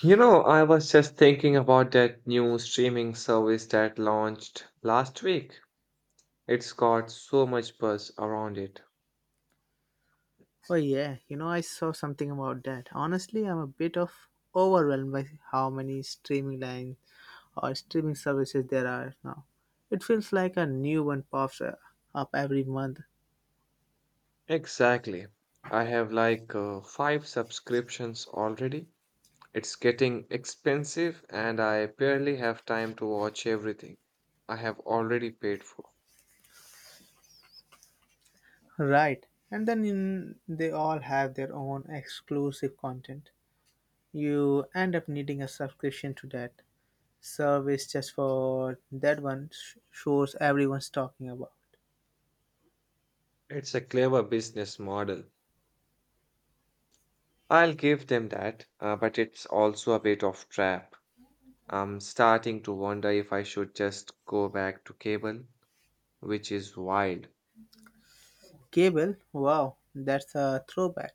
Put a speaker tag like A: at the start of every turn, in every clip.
A: You know, I was just thinking about that new streaming service that launched last week. It's got so much buzz around it.
B: Oh yeah, you know I saw something about that. Honestly, I'm a bit of overwhelmed by how many streaming lines or streaming services there are now. It feels like a new one pops up every month,
A: Exactly. I have like five subscriptions already. It's getting expensive and I barely have time to watch everything I have already paid for.
B: right? And then in, they all have their own exclusive content. You end up needing a subscription to that service just for that one shows everyone's talking about.
A: It's a clever business model. I'll give them that, but it's also a bit of trap. I'm starting to wonder if I should just go back to cable which is wild.
B: Cable, wow, that's a throwback.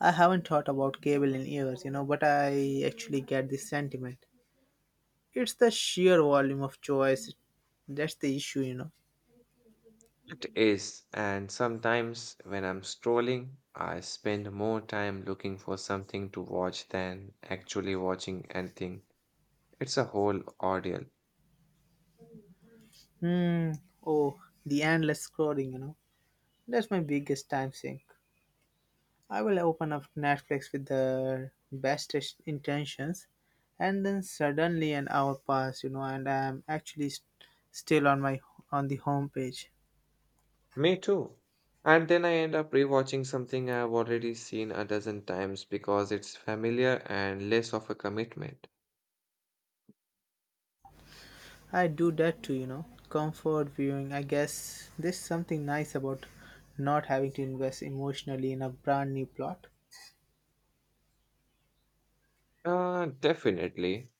B: I haven't thought about cable in years, but I actually get this sentiment. It's the sheer volume of choice that's the issue, you know.
A: It is, and sometimes when I'm scrolling, I spend more time looking for something to watch than actually watching anything. It's a whole ordeal.
B: Hmm. Oh, the endless scrolling. That's my biggest time sink. I will open up Netflix with the intentions, and then suddenly an hour pass, and I'm actually still on my on the home page.
A: Me too. And then I end up rewatching something I've already seen a dozen times because it's familiar and less of a commitment.
B: I do that too. Comfort viewing. I guess there's something nice about not having to invest emotionally in a brand new plot.
A: Definitely.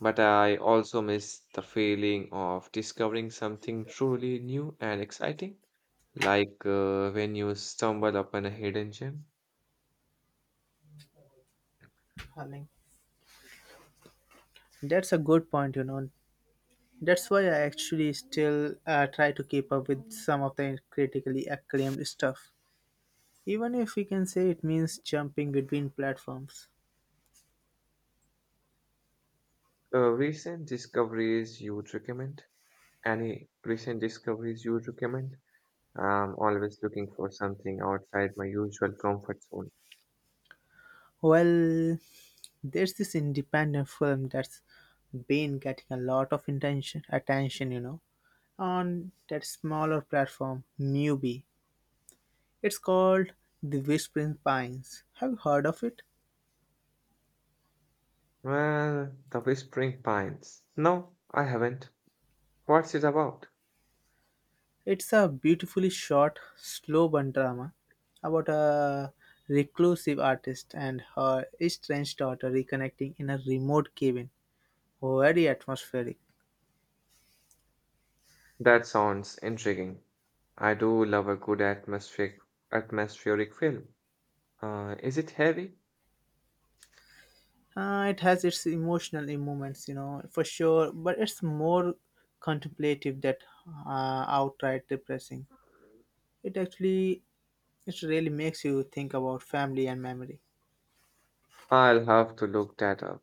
A: But I also miss the feeling of discovering something truly new and exciting, like when you stumble upon a hidden gem.
B: I mean, that's a good point. That's why I actually still try to keep up with some of the critically acclaimed stuff. Even if we can say it means jumping between platforms.
A: Recent discoveries you would recommend? Any recent discoveries you would recommend? I'm always looking for something outside my usual comfort zone.
B: Well, there's this independent film that's been getting a lot of attention, on that smaller platform, Mubi. It's called The Whispering Pines. Have you heard of it?
A: Well, The Whispering Pines. No, I haven't. What's it about?
B: It's a beautifully short, slow burn drama about a reclusive artist and her estranged daughter reconnecting in a remote cabin. Very atmospheric.
A: That sounds intriguing. I do love a good atmospheric film. Is it heavy?
B: It has its emotional moments, for sure, but it's more contemplative that uh, outright depressing. It actually, it really makes you think about family and memory.
A: I'll have to look that up.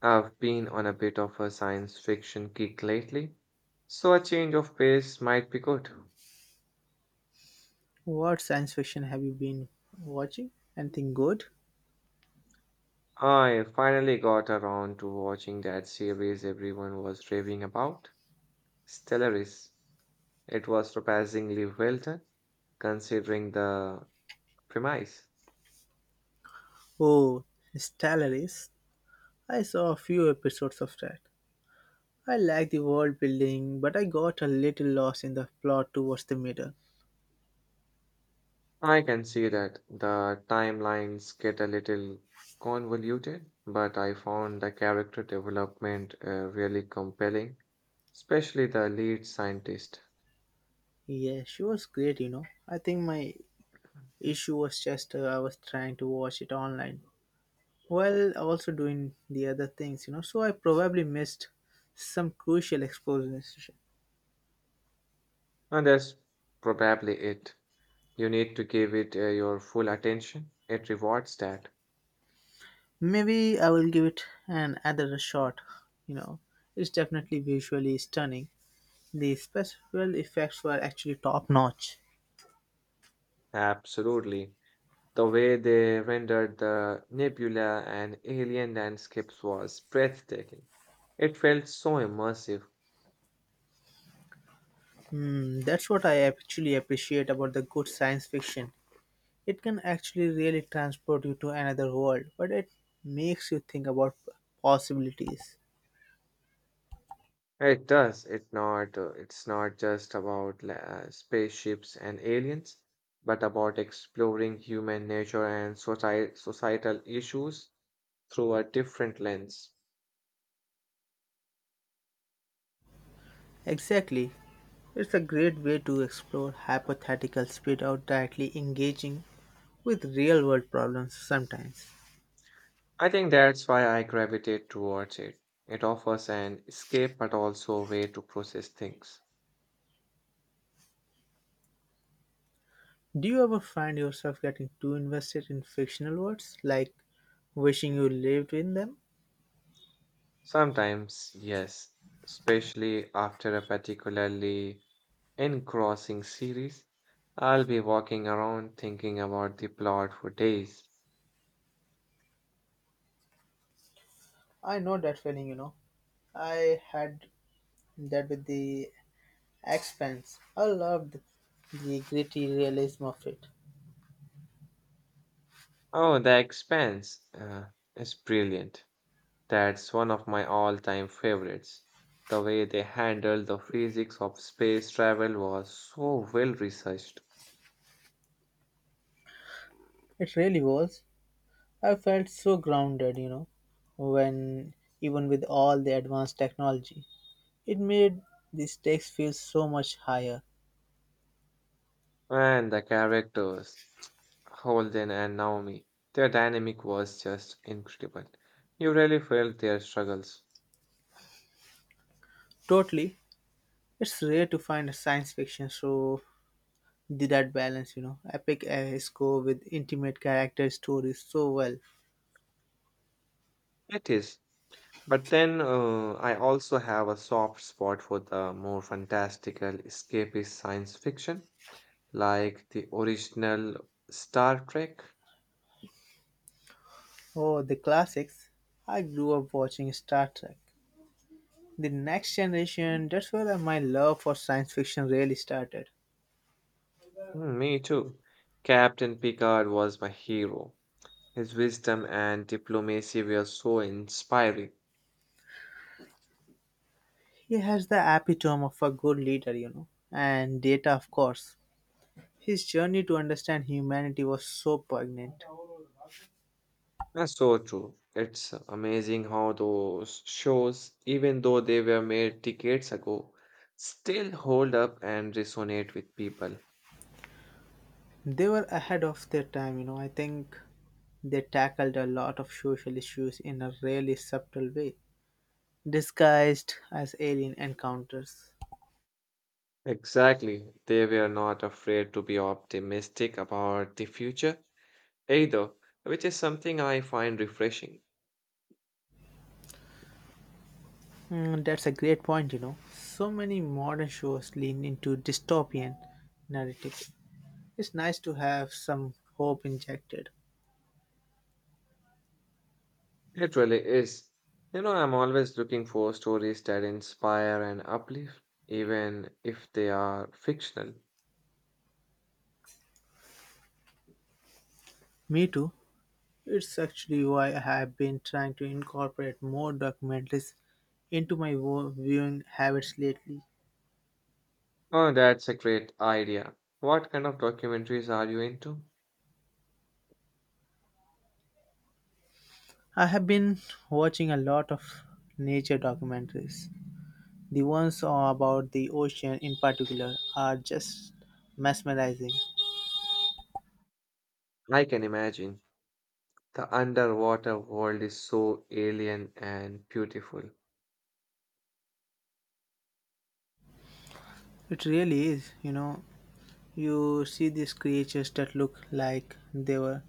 A: I've been on a bit of a science fiction kick lately, so a change of pace might be good.
B: What science fiction have you been watching? Anything good?
A: I finally got around to watching that series everyone was raving about, Stellaris. It was surprisingly well done, considering the premise.
B: Oh, Stellaris. I saw a few episodes of that. I like the world building, but I got a little lost in the plot towards the middle.
A: I can see that the timelines get a little convoluted, but I found the character development really compelling, especially the lead scientist.
B: Yeah, she was great. I think my issue was just I was trying to watch it online while also doing the other things, so I probably missed some crucial exposition.
A: And that's probably it. You need to give it your full attention. It rewards that.
B: Maybe I will give it an another shot. You know, it's definitely visually stunning. The special effects were actually top notch.
A: Absolutely. The way they rendered the nebula and alien landscapes was breathtaking. It felt so immersive.
B: Hmm, that's what I actually appreciate about the good science fiction. It can actually really transport you to another world, but it makes you think about possibilities.
A: It does. It's not just about spaceships and aliens, but about exploring human nature and societal issues through a different lens.
B: Exactly. It's a great way to explore hypotheticals without directly engaging with real world problems sometimes.
A: I think that's why I gravitate towards it. It offers an escape but also a way to process things.
B: Do you ever find yourself getting too invested in fictional worlds, like wishing you lived in them?
A: Sometimes, yes, especially after a particularly engrossing series, I'll be walking around thinking about the plot for days.
B: I know that feeling. I had that with The Expanse. I loved the gritty realism of it.
A: Oh, The Expanse is brilliant. That's one of my all-time favorites. The way they handled the physics of space travel was so well researched.
B: It really was. I felt so grounded, when even with all the advanced technology. It made the stakes feel so much higher.
A: And the characters, Holden and Naomi, their dynamic was just incredible. You really felt their struggles.
B: Totally. It's rare to find a science fiction so did that balance, epic score with intimate character stories so well.
A: It is. But then I also have a soft spot for the more fantastical escapist science fiction, like the original Star Trek.
B: Oh, the classics. I grew up watching Star Trek: The Next Generation, that's where my love for science fiction really started.
A: Hmm, me too. Captain Picard was my hero. His wisdom and diplomacy were so inspiring.
B: He has the epitome of a good leader, and Data, of course. His journey to understand humanity was so poignant.
A: That's so true. It's amazing how those shows, even though they were made decades ago, still hold up and resonate with people.
B: They were ahead of their time. I think they tackled a lot of social issues in a really subtle way, disguised as alien encounters.
A: Exactly. They were not afraid to be optimistic about the future either, which is something I find refreshing.
B: Mm, that's a great point. So many modern shows lean into dystopian narratives. It's nice to have some hope injected.
A: It really is. You know, I'm always looking for stories that inspire and uplift, even if they are fictional.
B: Me too. It's actually why I have been trying to incorporate more documentaries into my viewing habits lately.
A: Oh, that's a great idea. What kind of documentaries are you into?
B: I have been watching a lot of nature documentaries. The ones about the ocean in particular are just mesmerizing.
A: I can imagine. The underwater world is so alien and beautiful.
B: It really is, you know. You see these creatures that look like they were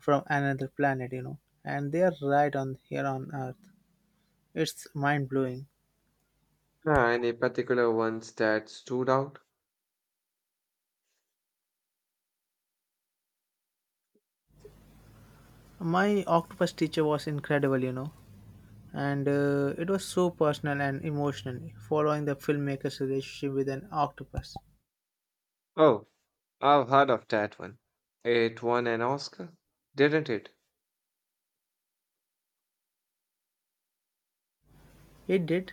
B: from another planet, and they are right on here on Earth. It's mind blowing.
A: Ah, any particular ones that stood out?
B: My octopus teacher was incredible, and it was so personal and emotional, following the filmmaker's relationship with an octopus.
A: Oh, I've heard of that one. It won an Oscar, didn't it?
B: It did.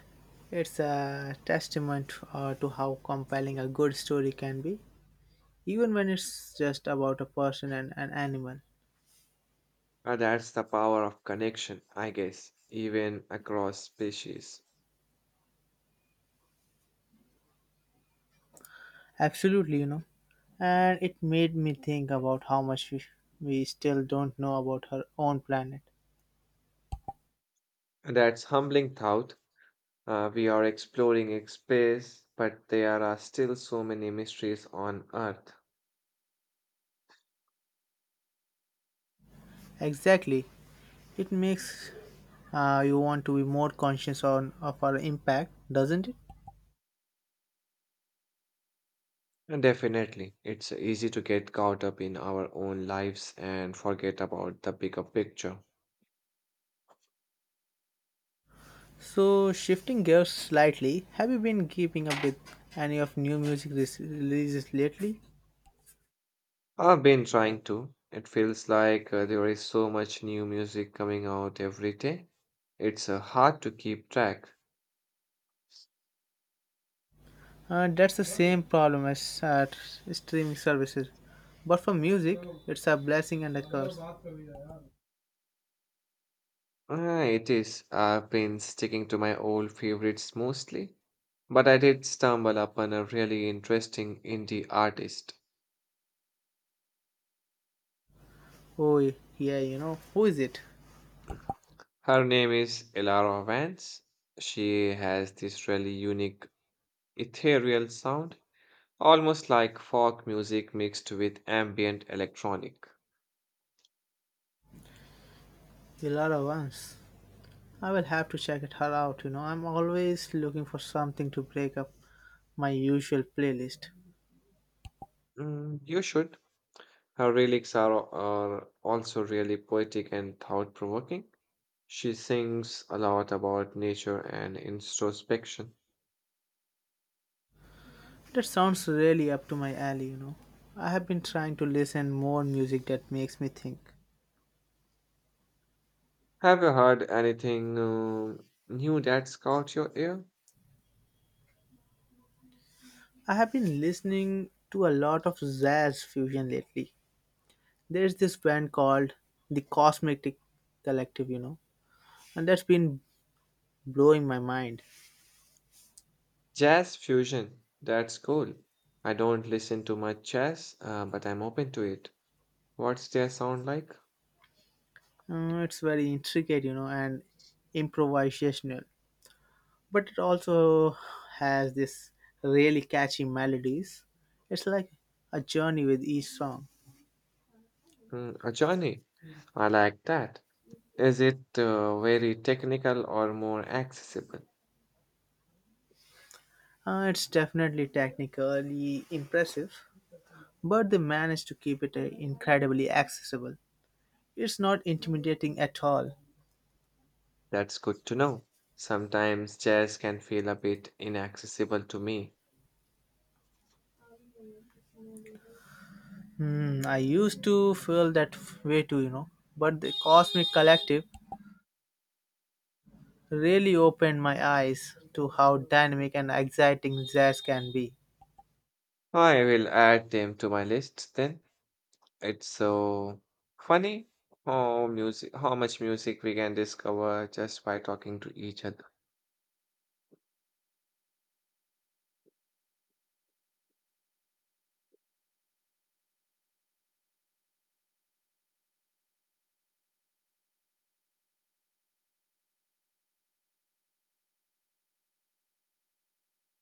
B: It's a testament to how compelling a good story can be, even when it's just about a person and an animal.
A: Ah, that's the power of connection, I guess, even across species.
B: Absolutely. And it made me think about how much we still don't know about her own planet.
A: And that's humbling thought. We are exploring space, but there are still so many mysteries on Earth.
B: Exactly. It makes you want to be more conscious of our impact, doesn't it?
A: And definitely, it's easy to get caught up in our own lives and forget about the bigger picture.
B: So, shifting gears slightly, have you been keeping up with any of new music releases lately?
A: I've been trying to. It feels like there is so much new music coming out every day. It's hard to keep track.
B: That's the same problem as at streaming services. But for music, it's a blessing and a curse.
A: It is. I've been sticking to my old favorites mostly, but I did stumble upon a really interesting indie artist.
B: Oh, yeah. Who is it?
A: Her name is Elara Vance. She has this really unique ethereal sound, almost like folk music mixed with ambient electronic.
B: The Laura Vance. I will have to check it her out. I'm always looking for something to break up my usual playlist.
A: Mm, you should. Her lyrics are also really poetic and thought provoking. She sings a lot about nature and introspection.
B: That sounds really up to my alley. I have been trying to listen more music that makes me think.
A: Have you heard anything new that's caught your ear?
B: I have been listening to a lot of jazz fusion lately. There's this band called the Cosmetic Collective, and that's been blowing my mind.
A: Jazz fusion. That's cool. I don't listen to much jazz, but I'm open to it. What's their sound like?
B: It's very intricate, and improvisational, but it also has this really catchy melodies. It's like a journey with each song.
A: Mm, a journey. I like that. Is it very technical or more accessible?
B: It's definitely technically impressive, but they managed to keep it incredibly accessible. It's not intimidating at all.
A: That's good to know. Sometimes jazz can feel a bit inaccessible to me.
B: Hmm, I used to feel that way too, but the Cosmic Collective really opened my eyes to how dynamic and exciting jazz can be.
A: I will add them to my list then. It's so funny how music, how much music we can discover just by talking to each other.